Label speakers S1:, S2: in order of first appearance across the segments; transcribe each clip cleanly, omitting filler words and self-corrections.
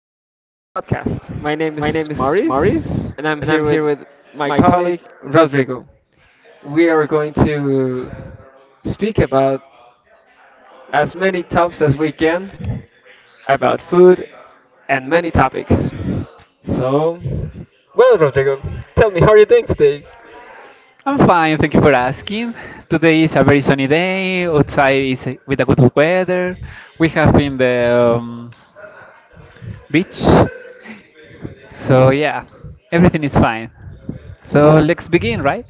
S1: podcast. My name is Maurice, and I'm here with my colleague Rodrigo. We are going to speak about as many topics as we can about food and many topics. So, well, Rodrigo, tell me how are you doing today?
S2: I'm fine, thank you for asking. Today is a very sunny day. Outside is with a good weather. We have been the beach. So yeah, everything is fine. So let's begin, right?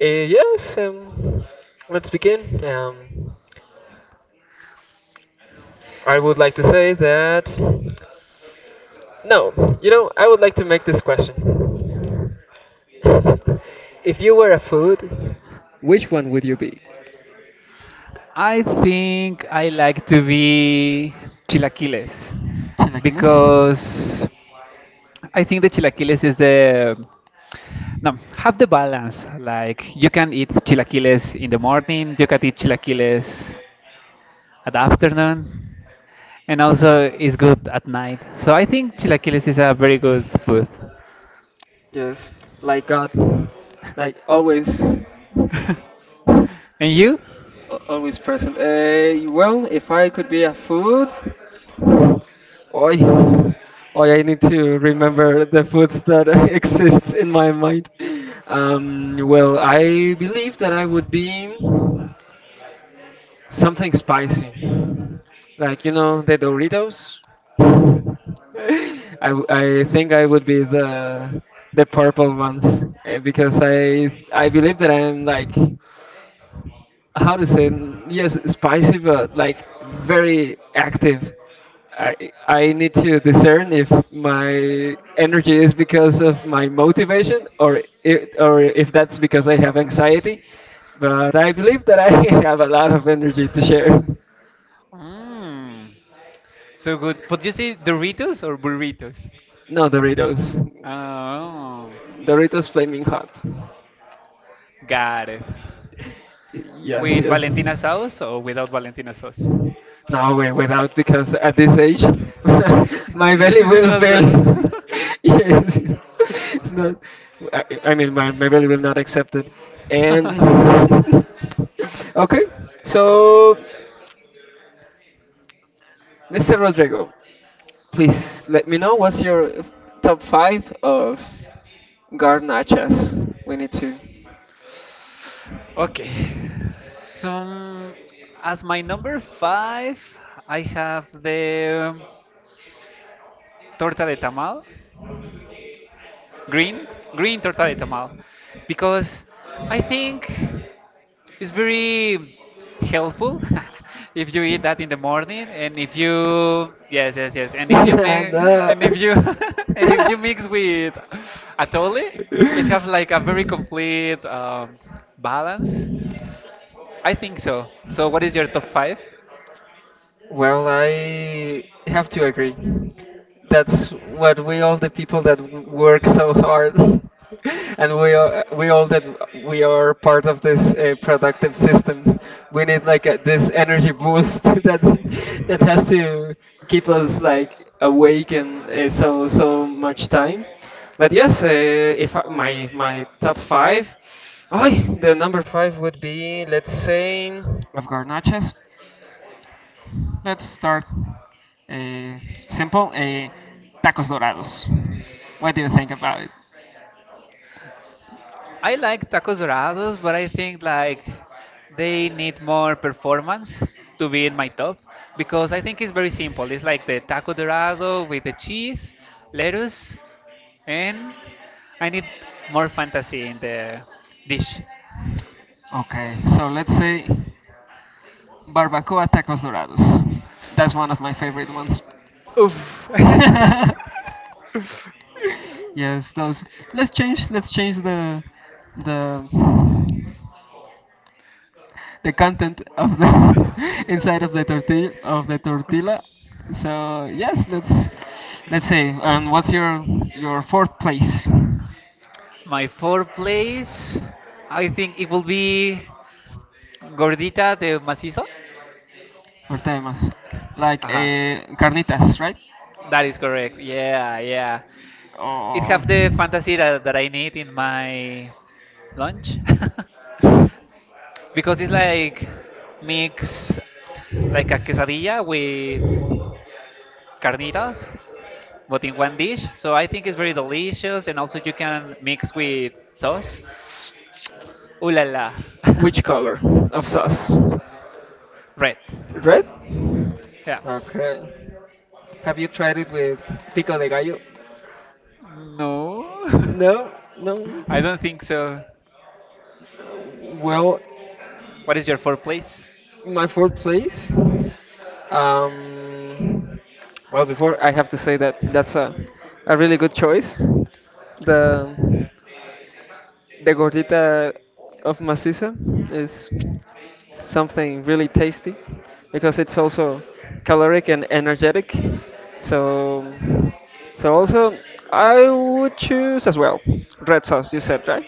S1: Yes, let's begin. I would like to say that. No, I would like to make this question. If you were a food, which one would you be?
S2: I think I like to be chilaquiles
S1: Chilaquiles?
S2: because I think the chilaquiles is the no have the balance. Like you can eat chilaquiles in the morning, you can eat chilaquiles at afternoon, and also it's good at night. So I think chilaquiles is a very good food.
S1: Yes. Like God. Like always.
S2: And you?
S1: Always present. Well, if I could be a food, Oi, oi, I need to remember the foods that exist in my mind. Well, I believe that I would be. Something spicy. Like, the Doritos? I, I think I would be the purple ones because I believe that I'm like how to say yes spicy but like very active. I I need to discern if my energy is because of my motivation or if that's because I have anxiety. But I believe that I have a lot of energy to share.
S2: Mm, so good. But you say Doritos or burritos?
S1: No, Doritos.
S2: Oh,
S1: Doritos Flaming Hot.
S2: got it.
S1: Yes,
S2: With
S1: yes.
S2: Valentina sauce or without Valentina sauce?
S1: No, way, without, because at this age, my belly
S2: This is
S1: will
S2: not
S1: fail.
S2: good, no?
S1: yes. It's not, I mean, my belly will not accept it. And, okay, so, Mr. Rodrigo, please let me know what's your top five of garnachas. We need to.
S2: Okay. So, as my number five, I have the torta de tamal. green green torta de tamal because I think it's very helpful. If you eat that in the morning, and if you, yes, yes, yes, and if you make,
S1: no.
S2: and if you and if you mix with atole, it have like a very complete balance. I think so. So what is your top five?
S1: Well, I have to agree. That's what we all the people that work so hard, and we all that we are part of this productive system. We need like this energy boost that has to keep us like awake and so much time. But yes, if I, my top five, oh, the number five would be let's say of garnachas. Let's start uh, simple. Tacos dorados. What do you think about it?
S2: I like tacos dorados, but I think like they need more performance to be in my top, because I think it's very simple. It's like the taco dorado with the cheese, lettuce, and I need more fantasy in the dish.
S1: Okay, so let's say barbacoa tacos dorados. That's one of my favorite ones.
S2: Oof.
S1: yes, those. Let's change. Let's change the the content of the inside of the tortilla. So yes, let's say. What's your fourth place?
S2: My fourth place, I think it will be gordita de macizo.
S1: Or temas. Like
S2: Aha,
S1: carnitas, right?
S2: that is correct. Yeah, yeah. It
S1: Or
S2: have the fantasy that I need in my lunch because it's like mix like a quesadilla with carnitas but in one dish. So I think it's very delicious, and also you can mix with sauce. Ooh la la.
S1: which color of sauce?
S2: Red.
S1: Red?
S2: Yeah.
S1: Okay. Have you tried it with pico de gallo?
S2: No.
S1: No, no.
S2: I don't think so.
S1: Well,
S2: What is your fourth place?
S1: my fourth place. Um, well, before I have to say that that's a really good choice. The the gordita of maciza is something really tasty because it's also caloric and energetic. So, so also I would choose as well red sauce. You said right.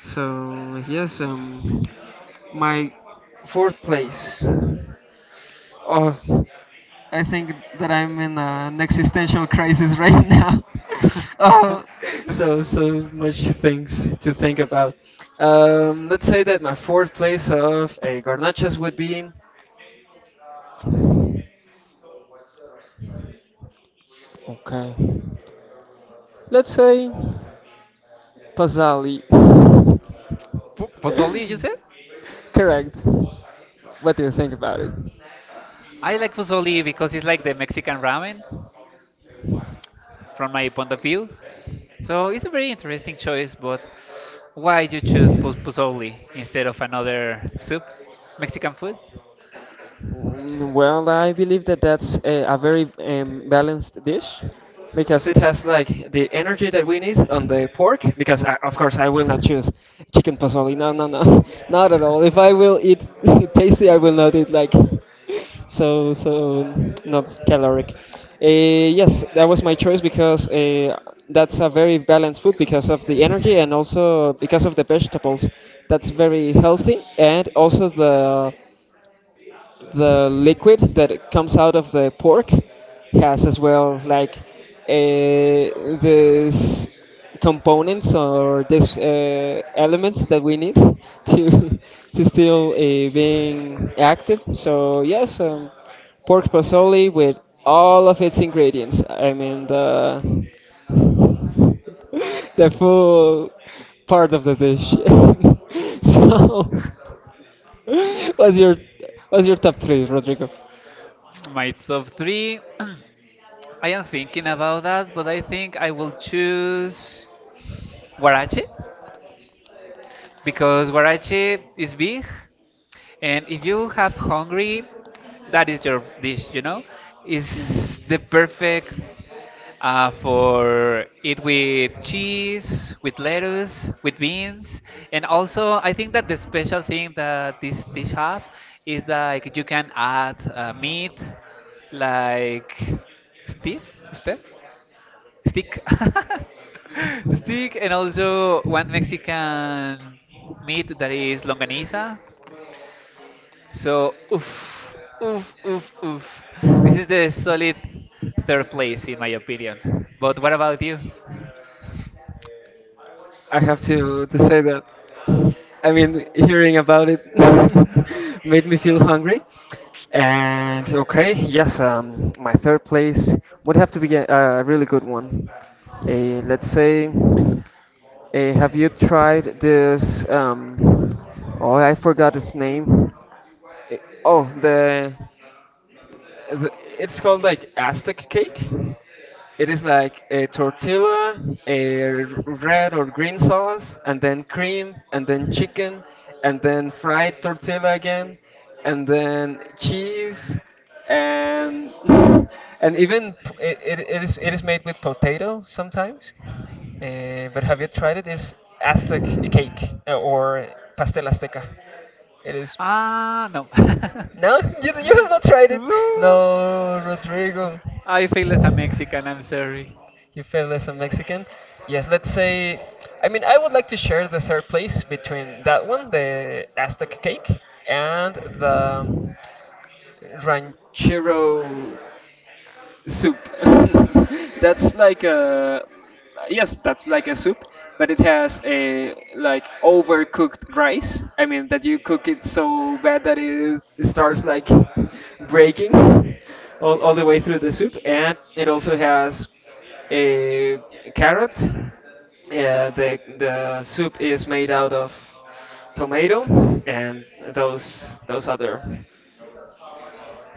S1: So yes, my fourth place. Oh, I think that I'm in an existential crisis right now. Oh, so much things to think about. Let's say that my fourth place of garnachas would be okay. Let's say Pazali.
S2: Pozole, you said?
S1: Correct. What do you think about it?
S2: I like pozole because it's like the Mexican ramen from my point of view. So it's a very interesting choice, but why you choose pozole instead of another soup, Mexican food?
S1: Well, I believe that that's a very balanced dish because it has like the energy that we need on the pork. Because of course I will not choose chicken pozole. No, no, no, not at all. If I will eat tasty, I will not eat like so not caloric. Uh, yes, that was my choice because that's a very balanced food because of the energy and also because of the vegetables. That's very healthy and also the liquid that comes out of the pork has as well like this components or this elements that we need to to still being active. So yes, pork pozole with all of its ingredients. I mean the the full part of the dish. so what's your top three, Rodrigo?
S2: My top three, I am thinking about that, but I think I will choose huarache, because guarache is big, and if you have hungry, that is your dish, is
S1: Mhm.
S2: the perfect for it, with cheese, with lettuce, with beans. And also I think that the special thing that this dish have is like you can add meat like Steve? Steph? Stick. Stick, and also one Mexican meat that is longaniza. So oof, oof, oof, oof. This is the solid third place in my opinion. But what about you?
S1: I have to say that. I mean, hearing about it made me feel hungry. And okay, yes, my third place would have to be a really good one. A, let's say, a, have you tried this? Oh, I forgot its name. Eh, Oh, th- it's called like Aztec cake. It is like a tortilla, a red or green sauce, and then cream, and then chicken, and then fried tortilla again, and then cheese, and and even it is made with potato sometimes. But have you tried it? It's Aztec cake or pastel azteca. It is.
S2: Ah, no.
S1: No, you, you have not tried it.
S2: No.
S1: No, Rodrigo,
S2: I feel as a Mexican, I'm sorry.
S1: you failed as a Mexican. Yes, let's say. I mean, I would like to share the third place between that one, the Aztec cake, and the Ranchero soup. that's like a yes, that's like a soup, but it has a like overcooked rice. I mean that you cook it so bad that it starts like breaking all the way through the soup, and it also has a carrot. Yeah, the soup is made out of tomato and those other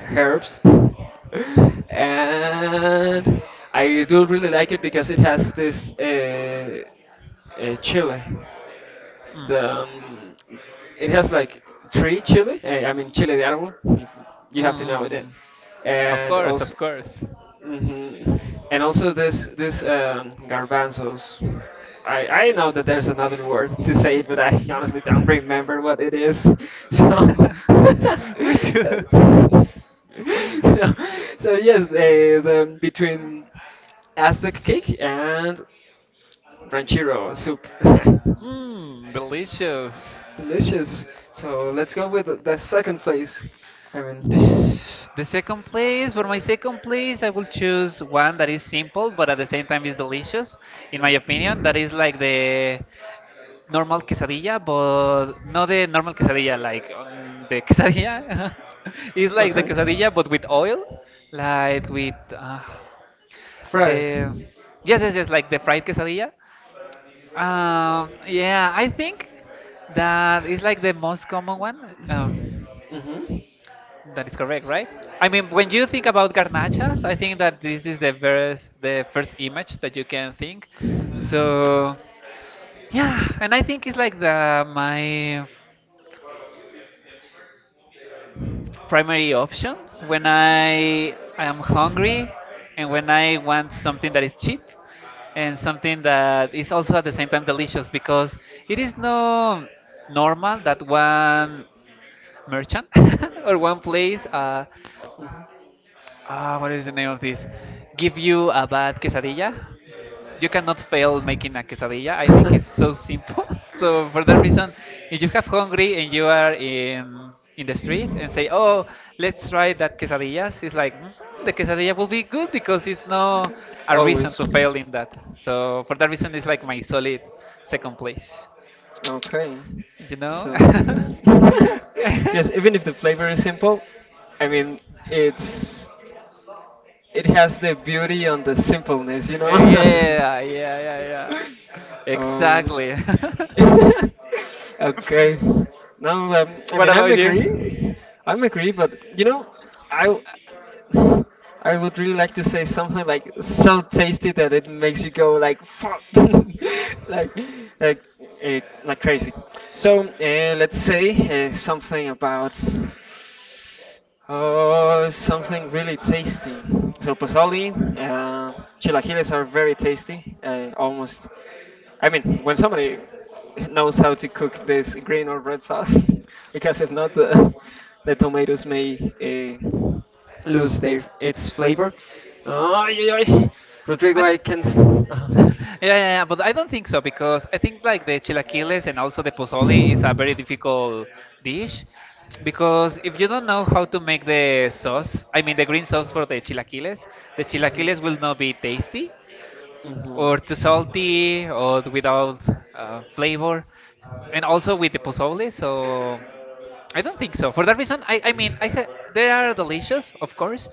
S1: herbs and I do really like it because it has this chili.
S2: Mm.
S1: The it has like three chili. I mean chili de árbol. You have to know that,
S2: Mm. Of
S1: and
S2: course,
S1: also
S2: of course.
S1: hmm this this garbanzos. I know that there's another word to say it, but I honestly don't remember what it is. So.
S2: Me too.
S1: so, so yes, the between Aztec cake and ranchero soup.
S2: Hmm, delicious.
S1: Delicious. So let's go with the second place. I mean,
S2: This the second place. For my second place, I will choose one that is simple but at the same time is delicious, in my opinion. That is like the normal quesadilla, but not the normal quesadilla, like the quesadilla. It's like the
S1: okay,
S2: quesadilla but with oil, like with
S1: fried.
S2: The yes, yes, yes, like the fried quesadilla. Yeah, I think that is like the most common one.
S1: Mhm.
S2: That is correct, right? I mean, when you think about garnachas, I think that this is the first image that you can think. So, yeah, and I think it's like the my primary option when I am hungry, and when I want something that is cheap and something that is also at the same time delicious, because it is no normal that one merchant or one place what is the name of this give you a bad quesadilla. You cannot fail making a quesadilla. I think it's so simple. So for that reason, if you have hungry and you are in the street and say, "Oh, let's try that quesadillas," it's like, "Mhm, the quesadilla will be good because it's no a reason
S1: Always.
S2: to fail in that." So for that reason, it's like my solid second place.
S1: Okay.
S2: You know?
S1: So, yes, even if the flavor is simple, I mean, it's it has the beauty on the simpleness.
S2: Yeah, yeah, yeah, yeah.
S1: um,
S2: Exactly.
S1: okay. No, I
S2: What
S1: mean, I'm
S2: about you?
S1: agree. I'm agree, but I w- I would really like to say something like so tasty that it makes you go like fuck, like like, like crazy. So let's say something about. Oh, something really tasty. So pozole, uh, chilaquiles are very tasty. I almost, I mean, when somebody knows how to cook this green or red sauce, because if not, the tomatoes may lose their its flavor. Ay, ay, ay.
S2: I
S1: Rodrigo, I
S2: don't.
S1: can't.
S2: Yeah, yeah, yeah, but I don't think so because I think like the chilaquiles and also the pozole is a very difficult dish, because if you don't know how to make the sauce, I mean the green sauce for the chilaquiles will not be tasty
S1: Mhm.
S2: or too salty or without flavor, and also with the pozole. So I don't think so. For that reason, I mean, they are delicious, of course,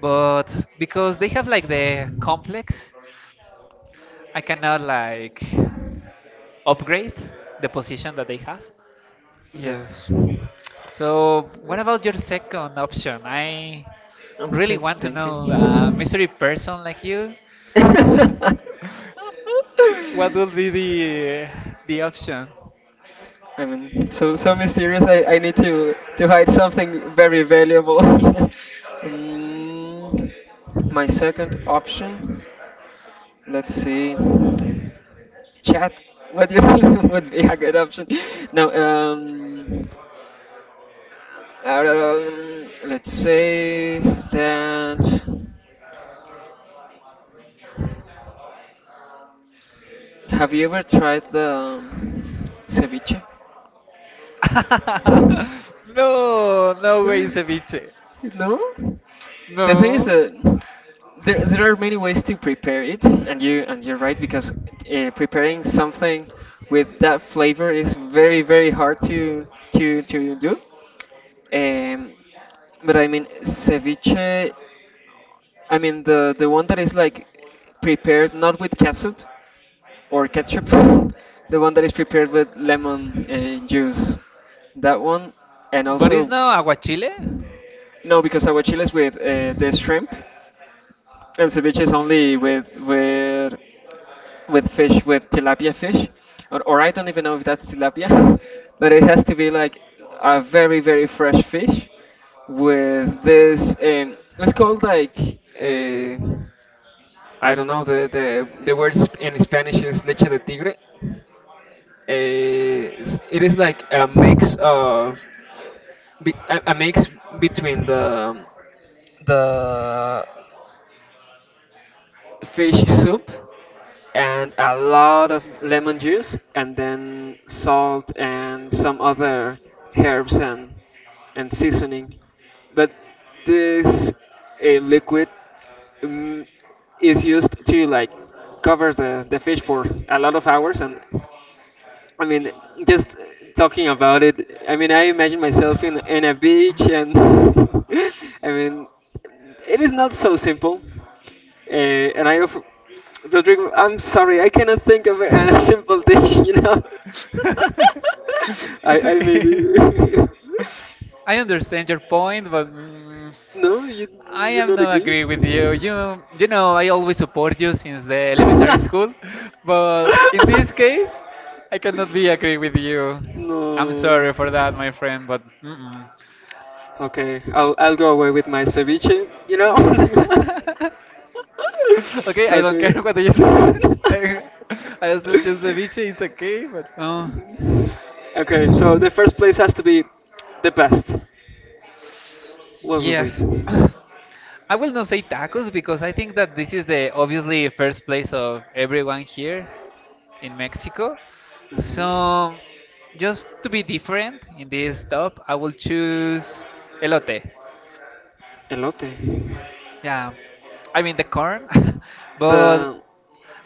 S2: but because they have like the complex, I cannot like upgrade the position that they have.
S1: Yes,
S2: So what about your second option? I
S1: I'm
S2: really
S1: still
S2: want to know,
S1: thinking.
S2: mystery person like you.
S1: I
S2: What will be the option?
S1: mean, so mysterious. I need to hide something very valuable. mm, my second option. Let's see. Chat, what do you think would be a good option? No, let's say that. Have you ever tried the um, ceviche?
S2: No, no way, ceviche.
S1: No? The thing is
S2: No,
S1: that there are many ways to prepare it, and you're right because preparing something with that flavor is very very hard to do. Um, but I mean ceviche. I mean the one that is like prepared not with ketchup or ketchup, the one that is prepared with lemon juice. That one, and
S2: but it's
S1: also
S2: no aguachile.
S1: no, because aguachile is with the shrimp, and ceviche is only with fish with tilapia fish, or I don't even know if that's tilapia, but it has to be like a very very fresh fish with this. Let's call like. Uh, I don't know the word in Spanish is leche de tigre. It is like a mix of be- a mix between the fish soup and a lot of lemon juice and then salt and some other herbs and seasoning but this a liquid mm, is used to like cover the fish for a lot of hours and I mean, just talking about it, I mean, I imagine myself in a beach, and I mean, it is not so simple. Uh, and I offer, Rodrigo, I'm sorry, I cannot think of a, a simple dish, you know? I,
S2: It's
S1: I
S2: okay.
S1: maybe.
S2: I understand your point, but
S1: no, you,
S2: I
S1: you
S2: am
S1: not
S2: not
S1: agree?
S2: agree with you. You, I always support you since the elementary school, but in this case, I cannot be agree with you. I'm
S1: no.
S2: sorry for that, my friend, but mm-mm.
S1: Okay, I'll go away with my ceviche, you know?
S2: Okay, I don't care
S1: Okay.
S2: what you say. I, I still choose ceviche. It's okay, but oh.
S1: Okay, so the first place has to be the best. What will be?
S2: Yes. I will not say tacos because I think that this is the obviously first place of everyone here in Mexico.
S1: hmm
S2: So, just to be different in this top, I will choose elote.
S1: Elote.
S2: Yeah, I mean the corn, but
S1: The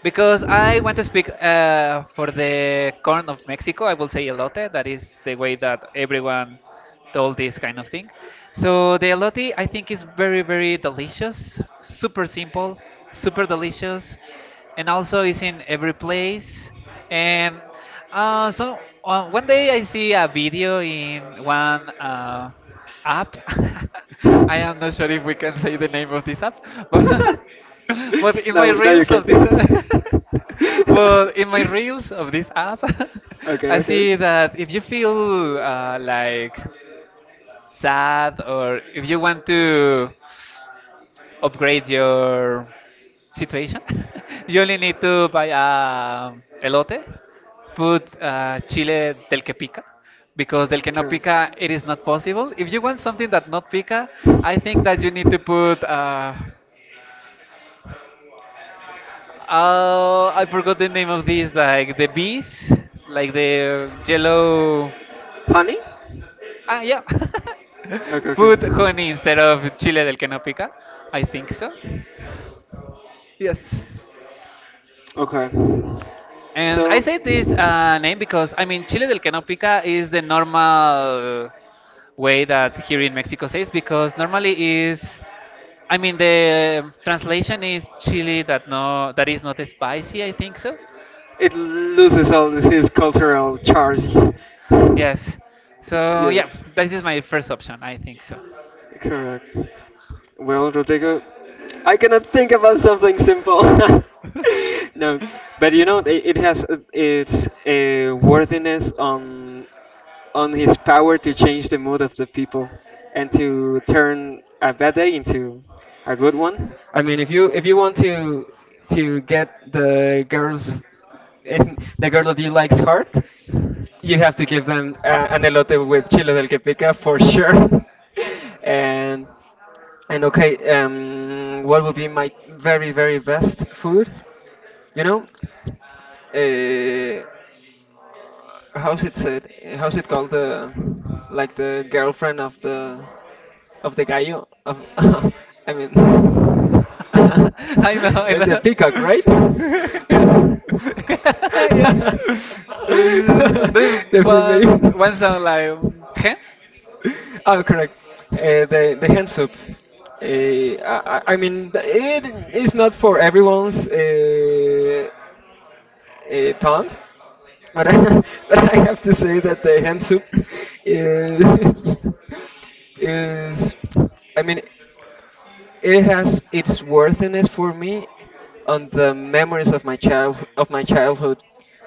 S2: because I want to speak for the corn of Mexico, I will say elote. That is the way that everyone told this kind of thing. So the elote, I think, is very, very delicious, super simple, super delicious, and also is in every place. And so one day I see a video in one app. I am not sure if we can say the name of this app, but but in my
S1: No, no, you
S2: reels of
S1: can't.
S2: this, but in my reels of this app,
S1: Okay,
S2: I see
S1: okay.
S2: that if you feel like sad, or if you want to upgrade your situation, you only need to buy a elote, put chile del que pica. Because del que no
S1: Correct.
S2: pica, it is not possible. If you want something that not pica, I think that you need to put I forgot the name of these, like the bees, like the yellow.
S1: Honey?
S2: Ah, yeah.
S1: Okay, okay.
S2: Put honey instead of chile del que no pica. I think so. Yes.
S1: Okay.
S2: And I
S1: So
S2: say this name because I mean chile del que no pica is the normal way that here in Mexico says, because normally is, I mean, the translation is chili that no, that is not spicy, I think so.
S1: it loses all his cultural charge.
S2: Yes. So
S1: yeah.
S2: yeah, this is my first option. I think so.
S1: Correct. Well, Rodrigo, I cannot think about something simple. No, but it has its worthiness on his power to change the mood of the people and to turn a bad day into a good one. I mean, if you want to get the girls the girl that you likes heart, you have to give them an elote with chile del que pica for sure. and and okay, what would be my very very best food? You know, uh, how's it said? How's it called the like the girlfriend of the gallo of I mean
S2: I know. I
S1: uh, the
S2: know.
S1: peacock, right?
S2: Yeah. Yeah. This There is
S1: The
S2: one
S1: female.
S2: song like hen.
S1: Oh, correct. The hand soup. I mean, it is not for everyone's. Tongue. But I, but I have to say that the hand soup is is, I mean, it has its worthiness for me on the memories of my childhood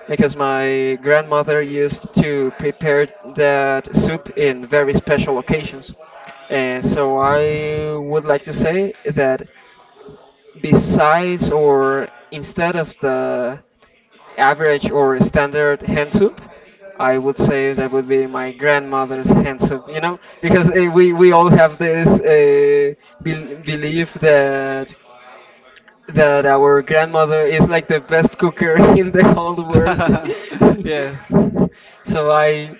S1: because my grandmother used to prepare that soup in very special occasions, and so I would like to say that besides or instead of the average or standard hand soup, I would say that would be my grandmother's hand soup. Because we all have this belief that our grandmother is like the best cooker in the whole world.
S2: Yes.
S1: So I,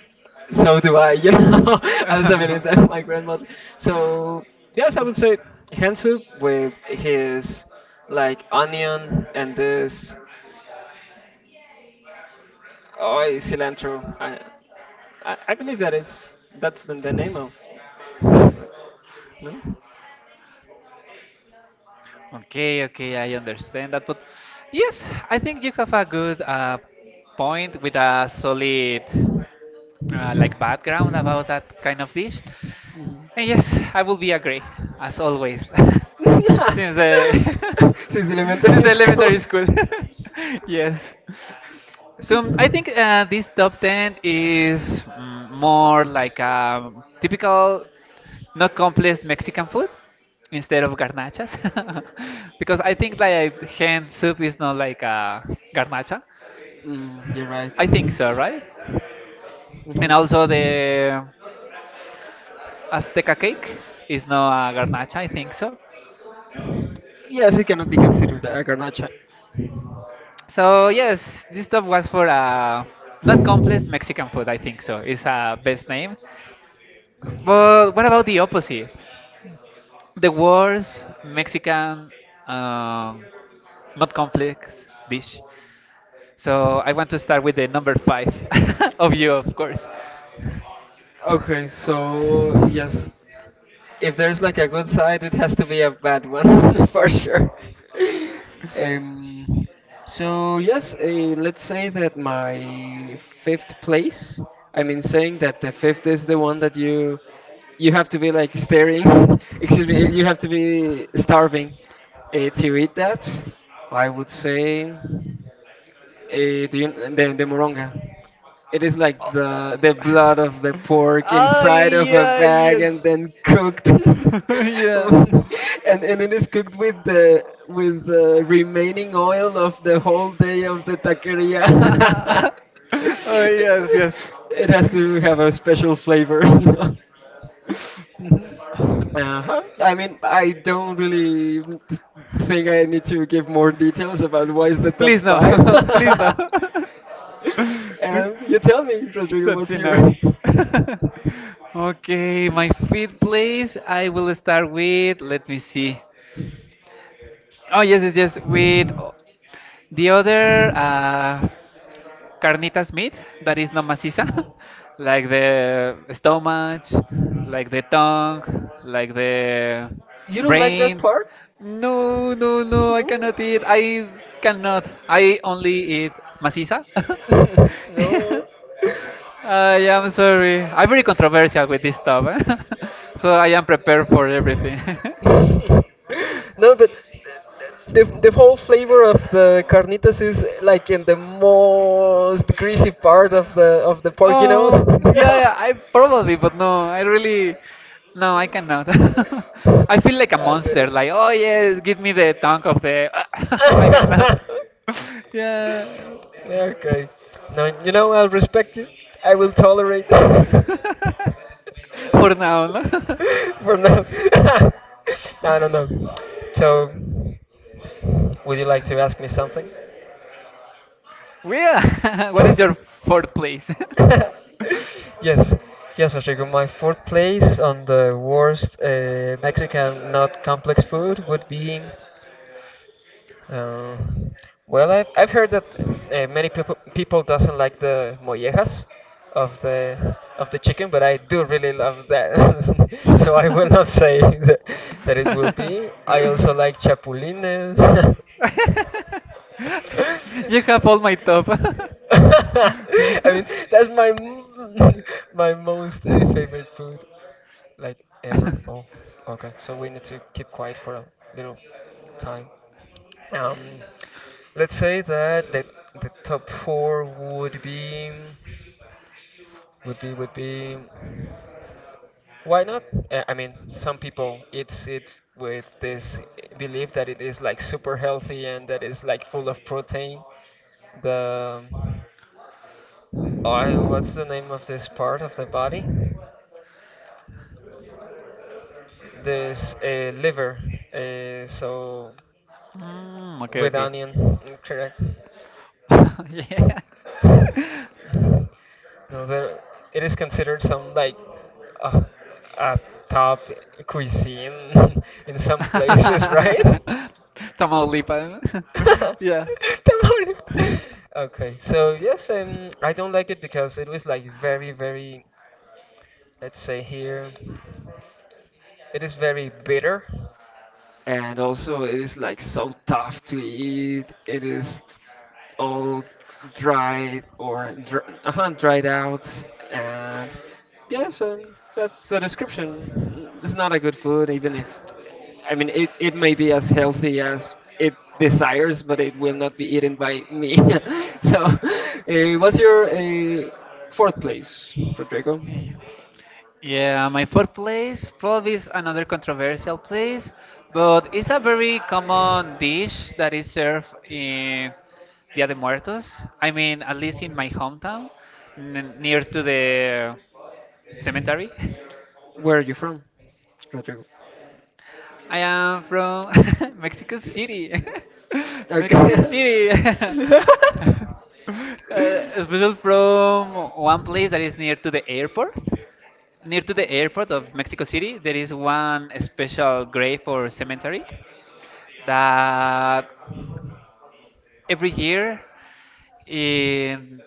S1: so do I, you know. I also believe that my grandmother. So yes, I would say hand soup with his like onion and this oh, cilantro. I believe that it's that's the name of that, right?
S2: Okay. Okay. I understand that, but yes, I think you have a good point, with a solid like background about that kind of dish. And yes, I will be agree as always,
S1: No.
S2: since the
S1: Since
S2: since the
S1: elementary school.
S2: elementary school. Yes. So I think this top ten is, more like a typical, not complex Mexican food instead of garnachas, because I think like hen soup is not like a garnacha.
S1: Mm, you're right.
S2: I think so, right? And also
S1: Mhm.
S2: the Azteca cake is not a garnacha, I think so.
S1: Yes, it cannot be considered a garnacha.
S2: So yes, this stuff was for not complex Mexican food. I think so. It's a best name. But what about the opposite? The worst Mexican um, not complex dish. So I want to start with the number five of you, of course.
S1: Okay, so yes, if there's like a good side, it has to be a bad one for sure. Um, so yes, let's say that my fifth place. I mean, saying that the fifth is the one that you have to be like staring. Excuse me, you have to be starving to eat that. I would say. The moronga. It is like the blood of the pork
S2: Ah,
S1: inside of a
S2: yeah,
S1: bag and
S2: yes.
S1: then cooked,
S2: Yeah.
S1: and it is cooked with the remaining oil of the whole day of the taqueria.
S2: Oh, yes, yes.
S1: It has to have a special flavor, you know. Uh-huh. I mean, I don't really think I need to give more details about why is the top
S2: Please
S1: five.
S2: no, please no.
S1: And you tell me, Rodrigo,
S2: That's
S1: what's your.
S2: enough. Okay, my fifth place, I will start with, let me see. Oh, yes, yes, yes, with the other carnitas meat that is not maciza, like the stomach, like the tongue, like the
S1: You don't like that
S2: brain.
S1: part?
S2: No, no, no, I
S1: No?
S2: cannot eat. I cannot. I only eat maciza.
S1: No.
S2: I am sorry. I'm very controversial with this stuff, eh? So I am prepared for everything.
S1: No, but the whole flavor of the carnitas is like in the most greasy part of the pork, you know?
S2: Oh, yeah, yeah, I probably, but no, I really, no, I cannot. I feel like a
S1: I
S2: monster.
S1: mean.
S2: Like, oh yes, give me the tongue of the. I cannot. Yeah,
S1: Okay. No, you know, I'll respect you. I will tolerate for
S2: for now, no.
S1: now. No, no, no. So. Would you like to ask me something?
S2: Where? What is your fourth place?
S1: Yes, yes, Rodrigo. My fourth place on the worst Mexican not complex food would be. Uh, well, I've heard that many people doesn't like the mollejas of the chicken, but I do really love that. So I will not say that it will be. I also like chapulines.
S2: You have all my top.
S1: I mean, that's my my most favorite food like ever. Oh, okay. So we need to keep quiet for a little time. Um, let's say that the top four would be would be why not? I mean, some people eats it with this belief that it is like super healthy and that it's like full of protein. The I what's the name of this part of the body? This liver. So
S2: Mm, okay,
S1: with
S2: okay.
S1: onion, mm, correct?
S2: Yeah.
S1: No, there it is considered some like uh, a top cuisine in some places, right?
S2: Tamaulipas. Yeah.
S1: Don't worry. Okay, so yes, I don't like it because it was like very, very, let's say here, it is very bitter, and also it is like so tough to eat. It is all dried or dr dried out, and yeah, so that's the description. Mm, it's not a good food, even if I mean it, it may be as healthy as it desires, but it will not be eaten by me. So, what's your fourth place, Rodrigo?
S2: Yeah, my fourth place probably is another controversial place, but it's a very common dish that is served in Dia de Muertos. I mean, at least in my hometown, n near to the cemetery.
S1: Where are you from, Rodrigo?
S2: I am from Mexico City. Mexico City. uh,
S1: Okay.
S2: special from one place that is near to the airport. Near to the airport of Mexico City, there is one special grave or cemetery that every year in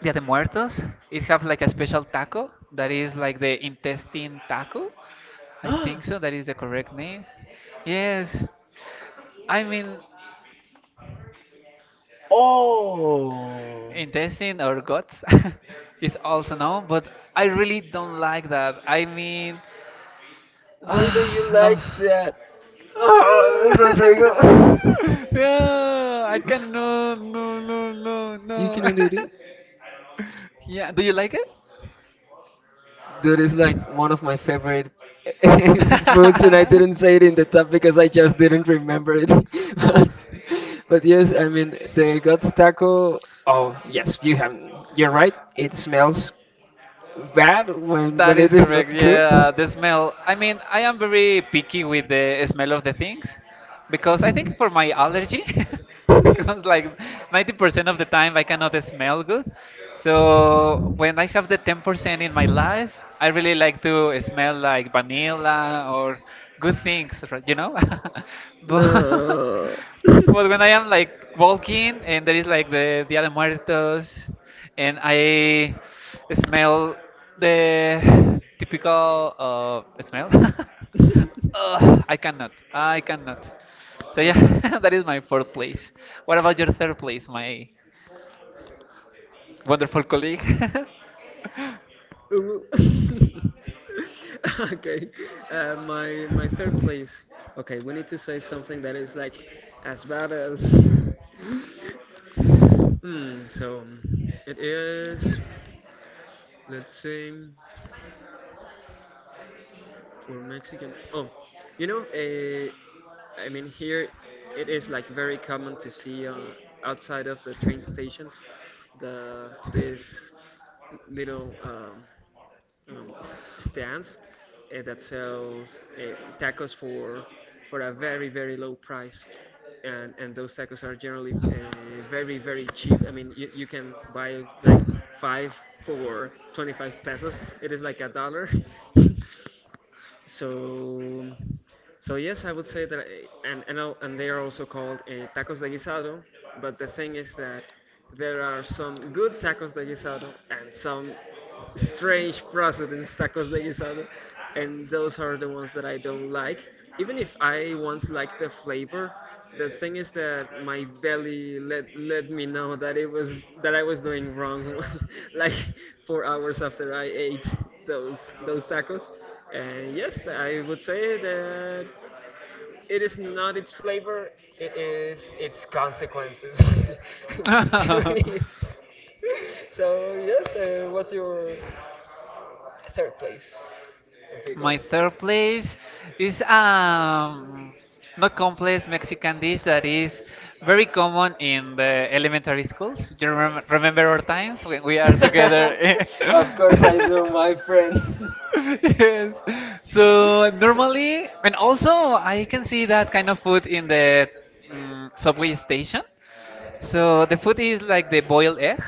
S2: Dia de Muertos, it have like a special taco that is like the intestine taco. I think so. That is the correct name. Yes. I mean,
S1: Oh,
S2: intestine or guts is also known, but I really don't like that. I mean,
S1: why don't you
S2: no.
S1: like that? Ah, Rodrigo.
S2: Yeah, I can no, No, no, no,
S1: You
S2: no.
S1: cannot eat it.
S2: Yeah, do you like it?
S1: Dude, it's like one of my favorite foods, and I didn't say it in the top because I just didn't remember it. But, but yes, I mean the God's taco. Oh yes, you have. You're right. It smells bad
S2: That
S1: when
S2: is
S1: it is not
S2: correct. Yeah,
S1: cooked.
S2: the smell. I mean, I am very picky with the smell of the things because I think for my allergy, because like 90% of the time I cannot smell good. So when I have the 10% in my life, I really like to smell like vanilla or good things? But
S1: No.
S2: but when I am like walking and there is like the Dia de Muertos and I smell the typical smell. Ugh, I cannot. I cannot. So
S1: Okay.
S2: yeah, that is my fourth place. What about your third place, my wonderful colleague?
S1: Ooh. Okay, my third place. Okay, we need to say something that is like as bad as. Hmm. So it is. Let's say for Mexican. Oh, you know, I mean here, it is like very common to see outside of the train stations, the little. Um, stands that sells tacos for a very very low price, and those tacos are generally very very cheap. I mean you, you can buy like five for 25 pesos. It is like a dollar. So, so yes, I would say that, I, and and they are also called tacos de guisado. But the thing is that there are some good tacos de guisado and some strange precedents tacos de guisado, and those are the ones that I don't like. Even if I once liked the flavor, the thing is that my belly let me know that it was that I was doing wrong, like 4 hours after I ate those tacos. And yes, I would say that it is not its flavor; it is its consequences to it. So yes, what's your third place, Rodrigo?
S2: My third place is not complex Mexican dish that is very common in the elementary schools. Do you remember, our times when we are together?
S1: Of course I do, my friend.
S2: Yes. So normally, and also I can see that kind of food in the subway station. So the
S1: Okay.
S2: food is like the boiled egg.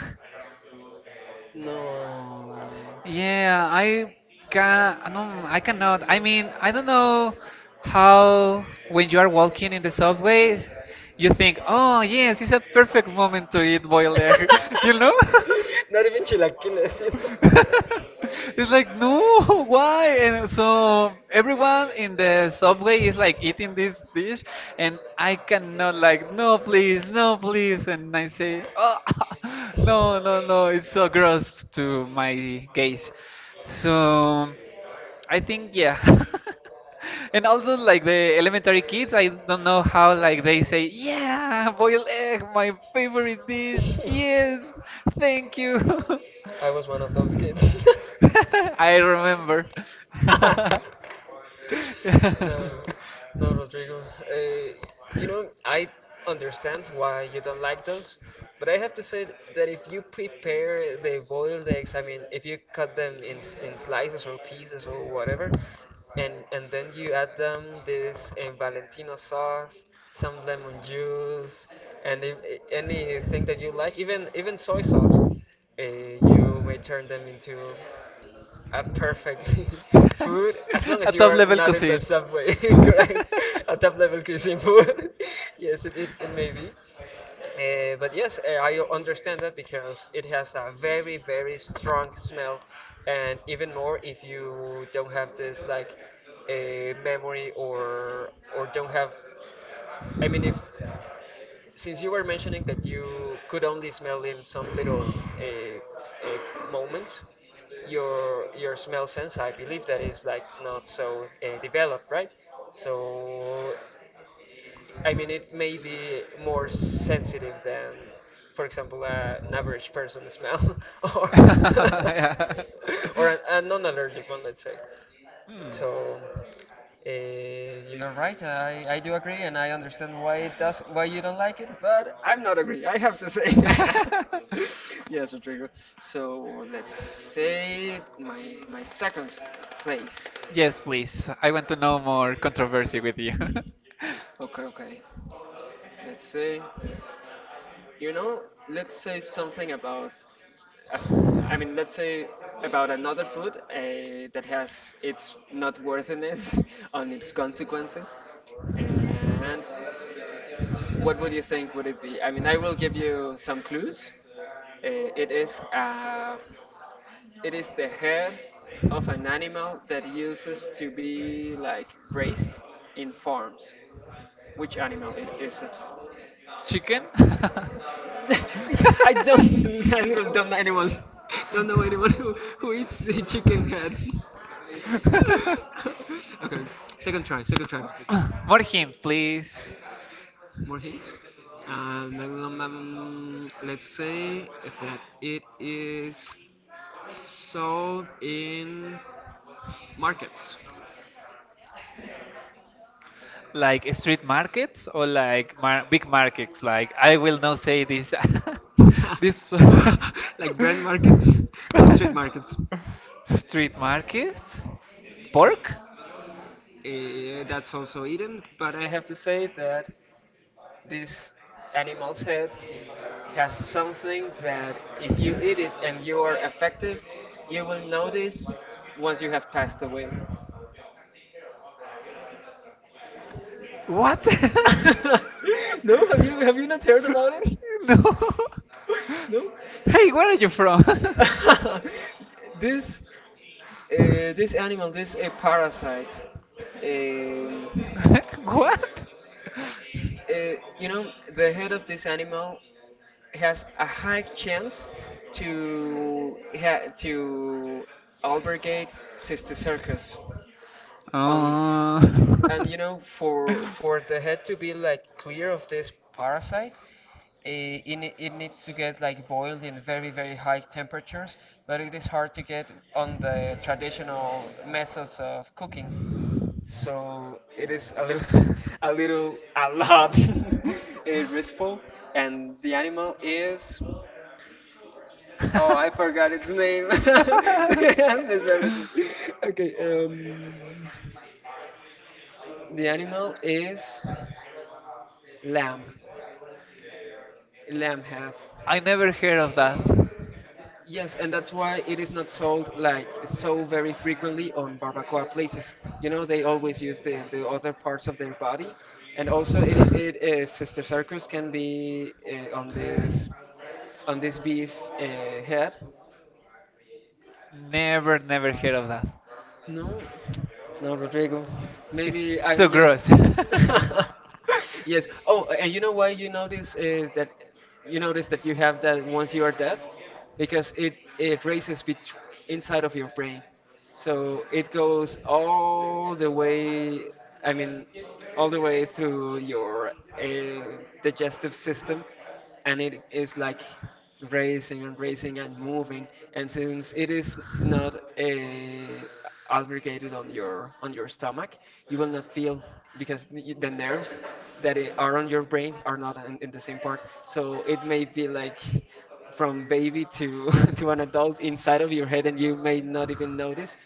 S1: No.
S2: Yeah, I can. No, I cannot. I mean, I don't know how when you are walking in the subway, you think, "Oh, yes, it's a perfect moment to eat boiled egg," you know?
S1: Not even chilaquiles, you know.
S2: It's like, no, why? And so everyone in the subway is like eating this dish, and I cannot, like, no, please, no, please. And I say, oh, no, no, no, it's so gross to my gaze. So. I think yeah. And also like the elementary kids, I don't know how like they say, "Yeah, boiled egg, my favorite dish. Yes, thank you."
S1: I was one of those kids.
S2: I remember.
S1: Ah! No, no, Rodrigo. Uh, you know, I understand why you don't like those, but I have to say that if you prepare the boiled eggs, I mean, if you cut them in in slices or pieces or whatever, and then you add them this Valentino sauce, some lemon juice, and if, anything that you like, even even soy sauce, you may turn them into. Perfect. Food, as long
S2: A
S1: as you
S2: top
S1: are
S2: level
S1: not in the
S2: cuisine.
S1: subway, correct? A top level cuisine food. Yes, it can maybe. But yes, I understand that because it has a very, very strong smell, and even more if you don't have this like a memory or don't have. I mean, if since you were mentioning that you could only smell in some little uh, uh, moments, your smell sense, I believe that, is like not so developed, right? So I mean it may be more sensitive than for example an average person smell, or
S2: Yeah.
S1: or a non-allergic one, let's say.
S2: Hmm.
S1: So you're right. I do agree, and I understand why it does why you don't like it, but I'm not agree. I have to say that. Yes, Rodrigo. So let's say my second place.
S2: Yes, please. I want to know more controversy with you.
S1: Okay, okay. Let's say you know. Let's say something about. a f- I mean, let's say about another food that has its not worthiness on its consequences. And what would you think would it be? I mean, I will give you some clues. Uh, it is uh, it is the head of an animal that uses to be like raised in farms. Which animal it is it?
S2: Chicken?
S1: I don't. I literally don't know anyone. Don't know anyone who eats a chicken head. Okay, second try. Second try. Patrick.
S2: More hint, please.
S1: More hints. Let's say that it is sold in markets.
S2: Like street markets or like mar big markets? Like I will not say this. This
S1: Like brand markets? No, street markets.
S2: street markets?
S1: Cor-
S2: Pork?
S1: that's also eaten, but I have to say that this animal's head has something that if you eat it and you are affected, you will notice once you have passed away.
S2: What?
S1: No, have you not heard about it?
S2: No.
S1: No.
S2: Hey, where are you from?
S1: This this animal, this a parasite. Um,
S2: What?
S1: uh, you know, the head of this animal has a high chance to albergate cysticercus. On
S2: Oh.
S1: and you know, for the head to be like clear of this parasite, it needs to get like boiled in very very high temperatures, but it is hard to get on the traditional methods of cooking. So it is a little a little a lot restful, and the animal is oh I forgot its name. Please bear with me. Okay, the animal is lamb lamb head.
S2: I never heard of that.
S1: Yes, and that's why it is not sold like so very frequently on barbacoa places. You know, they always use the other parts of their body, and also it Sister Circus can be on this beef head.
S2: Never, never heard of that.
S1: No, no, Rodrigo.
S2: It's
S1: Maybe
S2: so
S1: I'm just
S2: gross.
S1: yes. Oh, and you know why you notice that you notice that you have that once you are deaf, because it races bet inside of your brain, so it goes all the way. I mean, all the way through your digestive system, and it is like racing and racing and moving, and since it is not a albergated on your stomach, you will not feel, because the nerves that are on your brain are not in the same part, so it may be like from baby to to an adult inside of your head, and you may not even notice.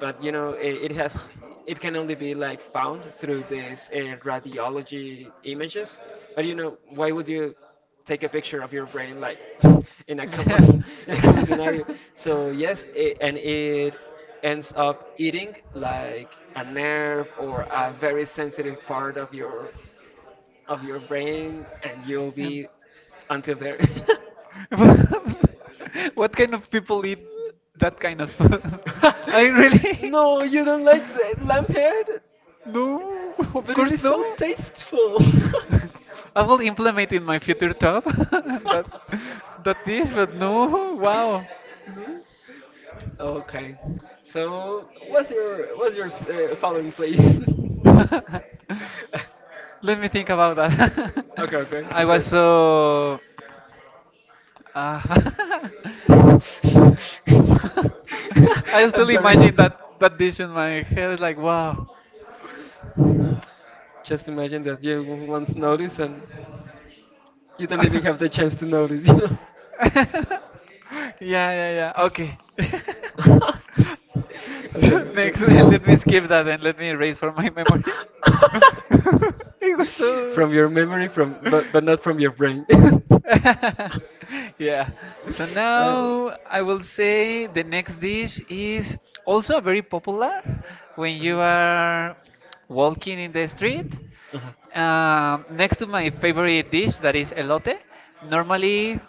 S1: But you know, it has, it can only be like found through these radiology images. But you know, why would you take a picture of your brain, like in a
S2: Yeah.
S1: common in a common scenario? So yes, and it ends up eating like a nerve or a very sensitive part of your brain, and you'll
S2: Um,
S1: be, until there.
S2: what kind of people eat that kind of food? I really
S1: No, you don't like the lamb head,
S2: no, of
S1: but it
S2: course
S1: is
S2: no.
S1: so tasteful.
S2: I will implement in my future top that that dish, but no, wow.
S1: Okay, so what's your following, please.
S2: Let me think about that.
S1: Okay, okay,
S2: I
S1: okay.
S2: was so Ah, I still
S1: I'm sorry.
S2: imagine that that dish in my head. It's like, wow.
S1: Just imagine that you once notice, and you don't
S2: Yeah,
S1: even have the chance to notice, you know.
S2: yeah, yeah. Okay.
S1: I'm
S2: So
S1: sorry, I'm
S2: next, let me
S1: sorry.
S2: skip that and let me erase from my memory. It was so.
S1: From your memory, from but not from your brain.
S2: Yeah. So
S1: uh,
S2: now I will say the next dish is also very popular when you are walking in the street.
S1: uh
S2: Next to my favorite dish, that is elote. Normally,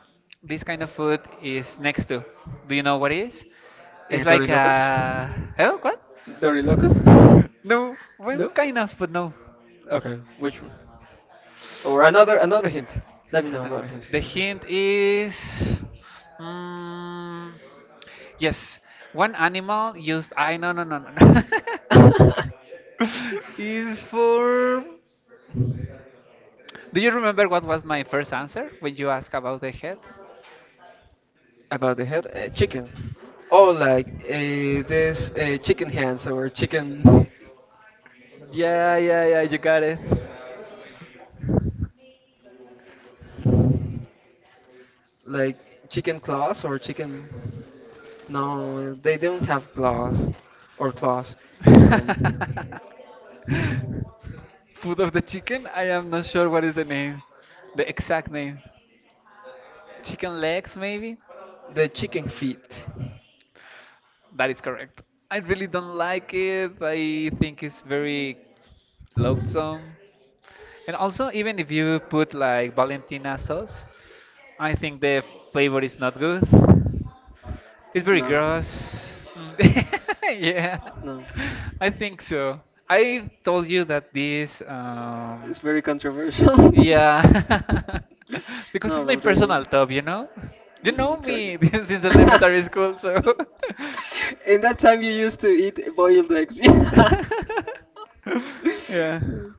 S2: this kind of food is next to. Do you know what it is? It's like
S1: Dorilocos?
S2: a. Oh, what?
S1: Dorilocos?
S2: No, well,
S1: No?
S2: kind of, but no.
S1: Okay, which one? Or another hint. Let me know
S2: And
S1: another hint.
S2: the hint is. Mm, yes, one animal used. I no no no no no. Is for. Do you remember what was my first answer when you asked about the head?
S1: About the head, chicken. Oh, like this chicken hands or chicken,
S2: Yeah, yeah, yeah, you got it.
S1: like chicken claws or chicken. No, they don't have claws or claws. Um,
S2: Food of the chicken? I am not sure what is the name, the exact name. Chicken legs, maybe?
S1: the chicken feet.
S2: That is correct. I really don't like it. I think it's very loathsome. And also, even if you put like Valentina sauce, I think the flavor is not good. It's very
S1: No,
S2: gross. Mm. Yeah,
S1: no,
S2: I think so. I told you that this
S1: it's very controversial.
S2: yeah. Because
S1: No,
S2: it's my personal
S1: Rodrigo.
S2: top, you know? You
S1: Hmm,
S2: know
S1: correct.
S2: me since elementary school, so.
S1: In that time, you used to eat boiled eggs.
S2: Yeah.
S1: Mm,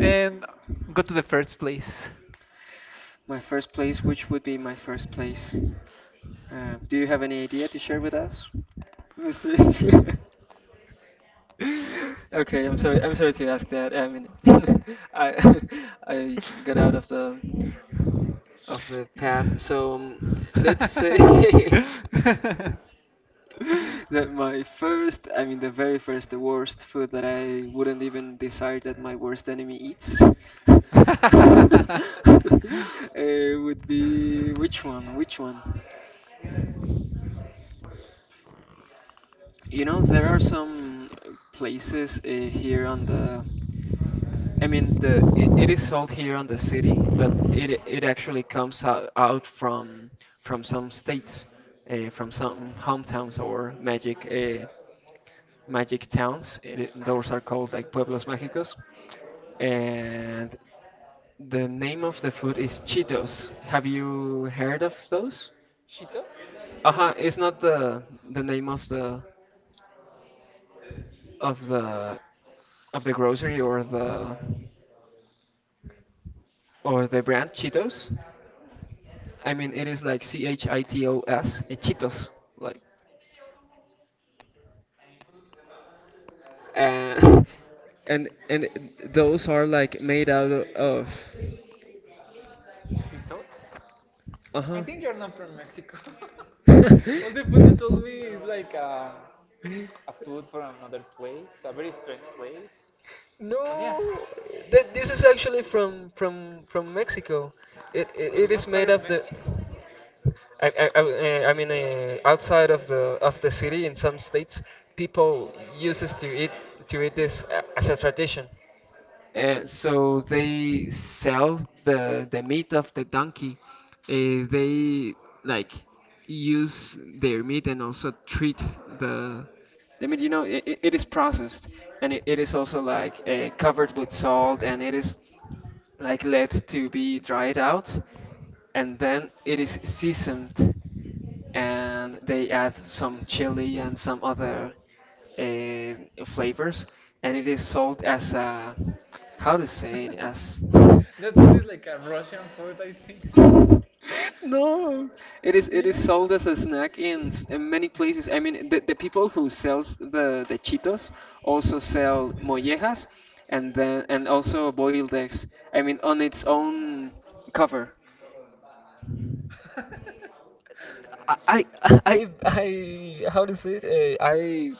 S2: And go to the first place.
S1: my first place, which would be my first place? Do you have any idea to share with us, Mr.? Okay, I'm sorry. I'm sorry to ask that. I mean, I I got out of the path. So let's say that my first, I mean, the very first, the worst food that I wouldn't even desire that my worst enemy eats.
S2: Yeah.
S1: Would be which one? Which one? You know, there are some places here on the. I mean, it is sold here on the city, but it actually comes out from some states, from some hometowns or magic magic towns. Those are called like pueblos mágicos, and the name of the food is Cheetos. Have you heard of those?
S2: Cheetos?
S1: Uh huh. It's not the the name of of the the grocery or the brand Cheetos. I mean, it is like Chitos, eh, Cheetos, like, and and those are like made out of,
S2: Cheetos? I
S1: uh
S2: think you're not from Mexico.
S1: huh.
S2: All the food you told me is like a food from another place, a very strange place. But yeah,
S1: No, that this is actually from from Mexico. It
S2: but
S1: it is
S2: what part
S1: made
S2: of
S1: of the.
S2: Mexico?
S1: I eh, I mean, eh, outside of the city, in some states, people uses to eat this as a tradition. So they sell the meat of the donkey. They like use their meat and also treat the the meat. You know, it is processed, and it is also like covered with salt, and it is like let to be dried out, and then it is seasoned, and they add some chili and some other uh, flavors, and it is sold as a how to say it as
S2: That food is like a Russian food, I think so.
S1: no, it is sold as a
S2: Yeah.
S1: snack in, in many places. I mean, the people who sells the Cheetos
S2: Also
S1: also
S2: sell
S1: sell
S2: tortillas,
S1: mollejas
S2: and
S1: and
S2: then
S1: then
S2: and
S1: and also
S2: also
S1: boiled eggs.
S2: I
S1: I
S2: mean
S1: mean,
S2: on
S1: on
S2: its
S1: its
S2: own
S1: own
S2: cup.
S1: cover. I I how to say it? Uh, I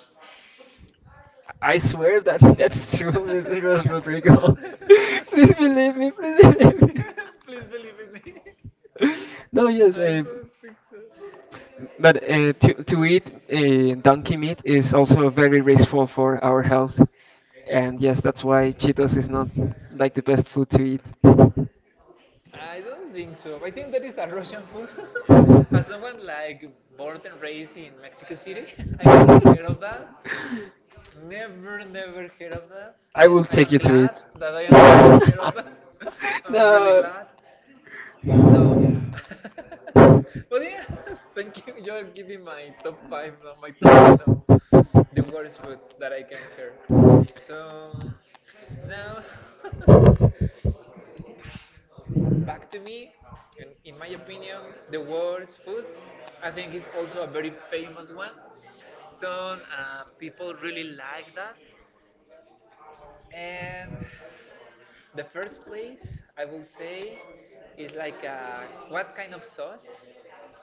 S1: I swear that that's
S2: I
S1: true, Mr. Rodrigo. Please believe me. Please believe
S2: yeah,
S1: me.
S2: please believe in me.
S1: No, yes.
S2: I don't think so.
S1: But to eat donkey meat is also very wasteful for our health, and yes, that's why Cheetos is not like the best food to eat.
S2: I don't think so. I think that is a Russian food. As someone like born and raised in Mexico City, I never heard of that. Never, never heard of that.
S1: I
S2: And
S1: will
S2: I
S1: take
S2: am
S1: you to
S2: glad
S1: it.
S2: that I am never heard of that. I'm really
S1: No.
S2: glad. No. But yeah, thank you. You're giving my top five, no, my top the worst food that I can hear. So now, back to me, and in my opinion, the worst food I think is also a very famous one. Some people really like that, and the first place I will say is like what kind of sauce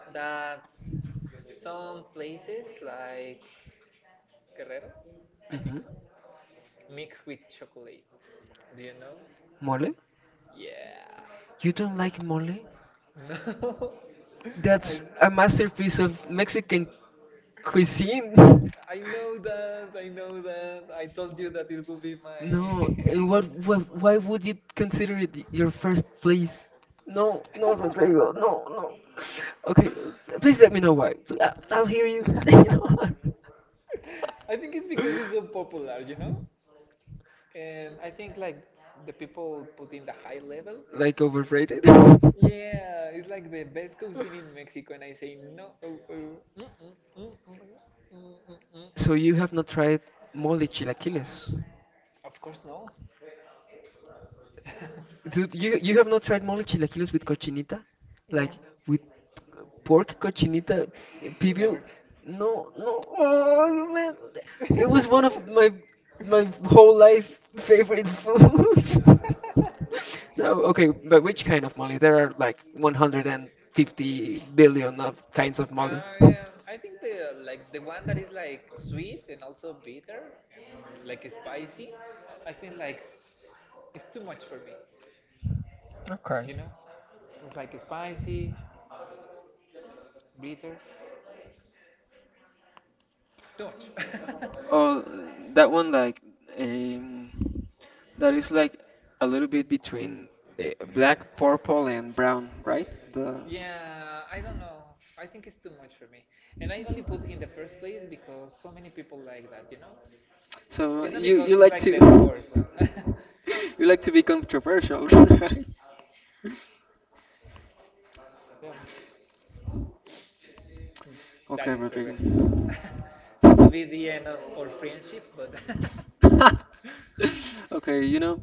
S2: that some places like Guerrero, I think
S1: Hmm.
S2: so mixed with chocolate. Do you know?
S1: Mole?
S2: Yeah.
S1: You don't like mole?
S2: No. I,
S1: That's a masterpiece of Mexican cuisine.
S2: I know that. I know that. I told you that it will be
S1: No,
S2: my.
S1: and why would you consider it your first place? No, no, Rodrigo, no, no. Okay, please let me know why. I'll hear you. You know.
S2: I think it's because it's so popular, you know? And I think like the people put in the high level.
S1: Like overrated?
S2: Yeah, it's like the best cuisine in Mexico, and I say no. Oh, oh, mm, mm, mm, mm, mm, mm, mm, mm.
S1: So you have
S2: mm."
S1: not tried mole chilaquiles?
S2: Of course, no.
S1: Dude, you have not tried mole chilaquiles with cochinita?
S2: No,
S1: Like with pork cochinita, eh, pibil?
S2: never.
S1: No, no. Oh, man. It was one of my whole life favorite foods. No, okay, but which kind of mole? There are like 150 billion of kinds of mole.
S2: Yeah, I think the like the one that is like sweet and also bitter and like spicy, I think like s- it's too much for me.
S1: Okay.
S2: You know, it's like spicy, bitter, too much.
S1: Oh, that one like um, that is like a little bit between uh, black, purple, and brown, right? The
S2: Yeah, I don't know. I think it's too much for me, and I only put in the first place because so many people like that. You know,
S1: so
S2: it's not
S1: you
S2: because
S1: you
S2: it's
S1: like
S2: like
S1: to
S2: the worst one.
S1: you like to be controversial, right?
S2: Yeah. Mm, that
S1: Okay,
S2: is
S1: Rodrigo.
S2: correct. So it could be the end of our friendship, but
S1: Okay, you know,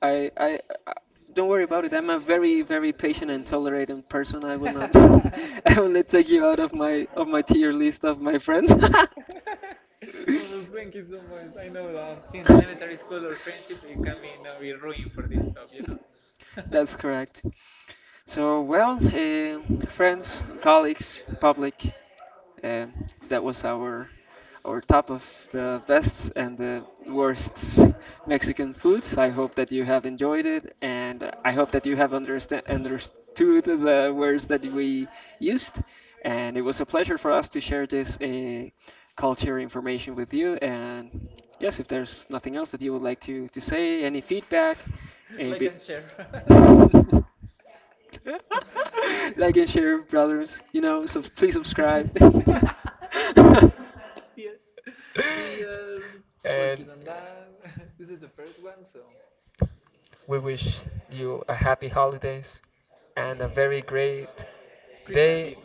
S1: I, I I don't worry about it. I'm a very patient and tolerant person. I will not I will not take you out of my tier list of my friends.
S2: oh, thank you so much. I know that since elementary school or friendship, it can be now be ruined for this stuff, you know.
S1: That's correct. So, well, eh, friends, colleagues, public, eh, that was our top of the best and the worst Mexican foods. I hope that you have enjoyed it, and I hope that you have understand understood the words that we used. And it was a pleasure for us to share this eh, culture information with you. And yes, if there's nothing else that you would like to say, any feedback. A
S2: Like
S1: bit.
S2: and share.
S1: Like and share, brothers. You know, so please subscribe.
S2: Yes, we are working
S1: And
S2: on that. This is the first one, so
S1: we wish you a happy holidays and a very great
S2: Christmas Eve.
S1: day,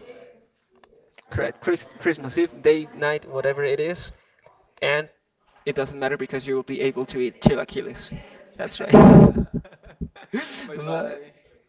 S1: correct? Christmas Eve, day, night, whatever it is. And it doesn't matter because you will be able to eat chilaquiles. That's right.
S2: Bye
S1: But
S2: bye.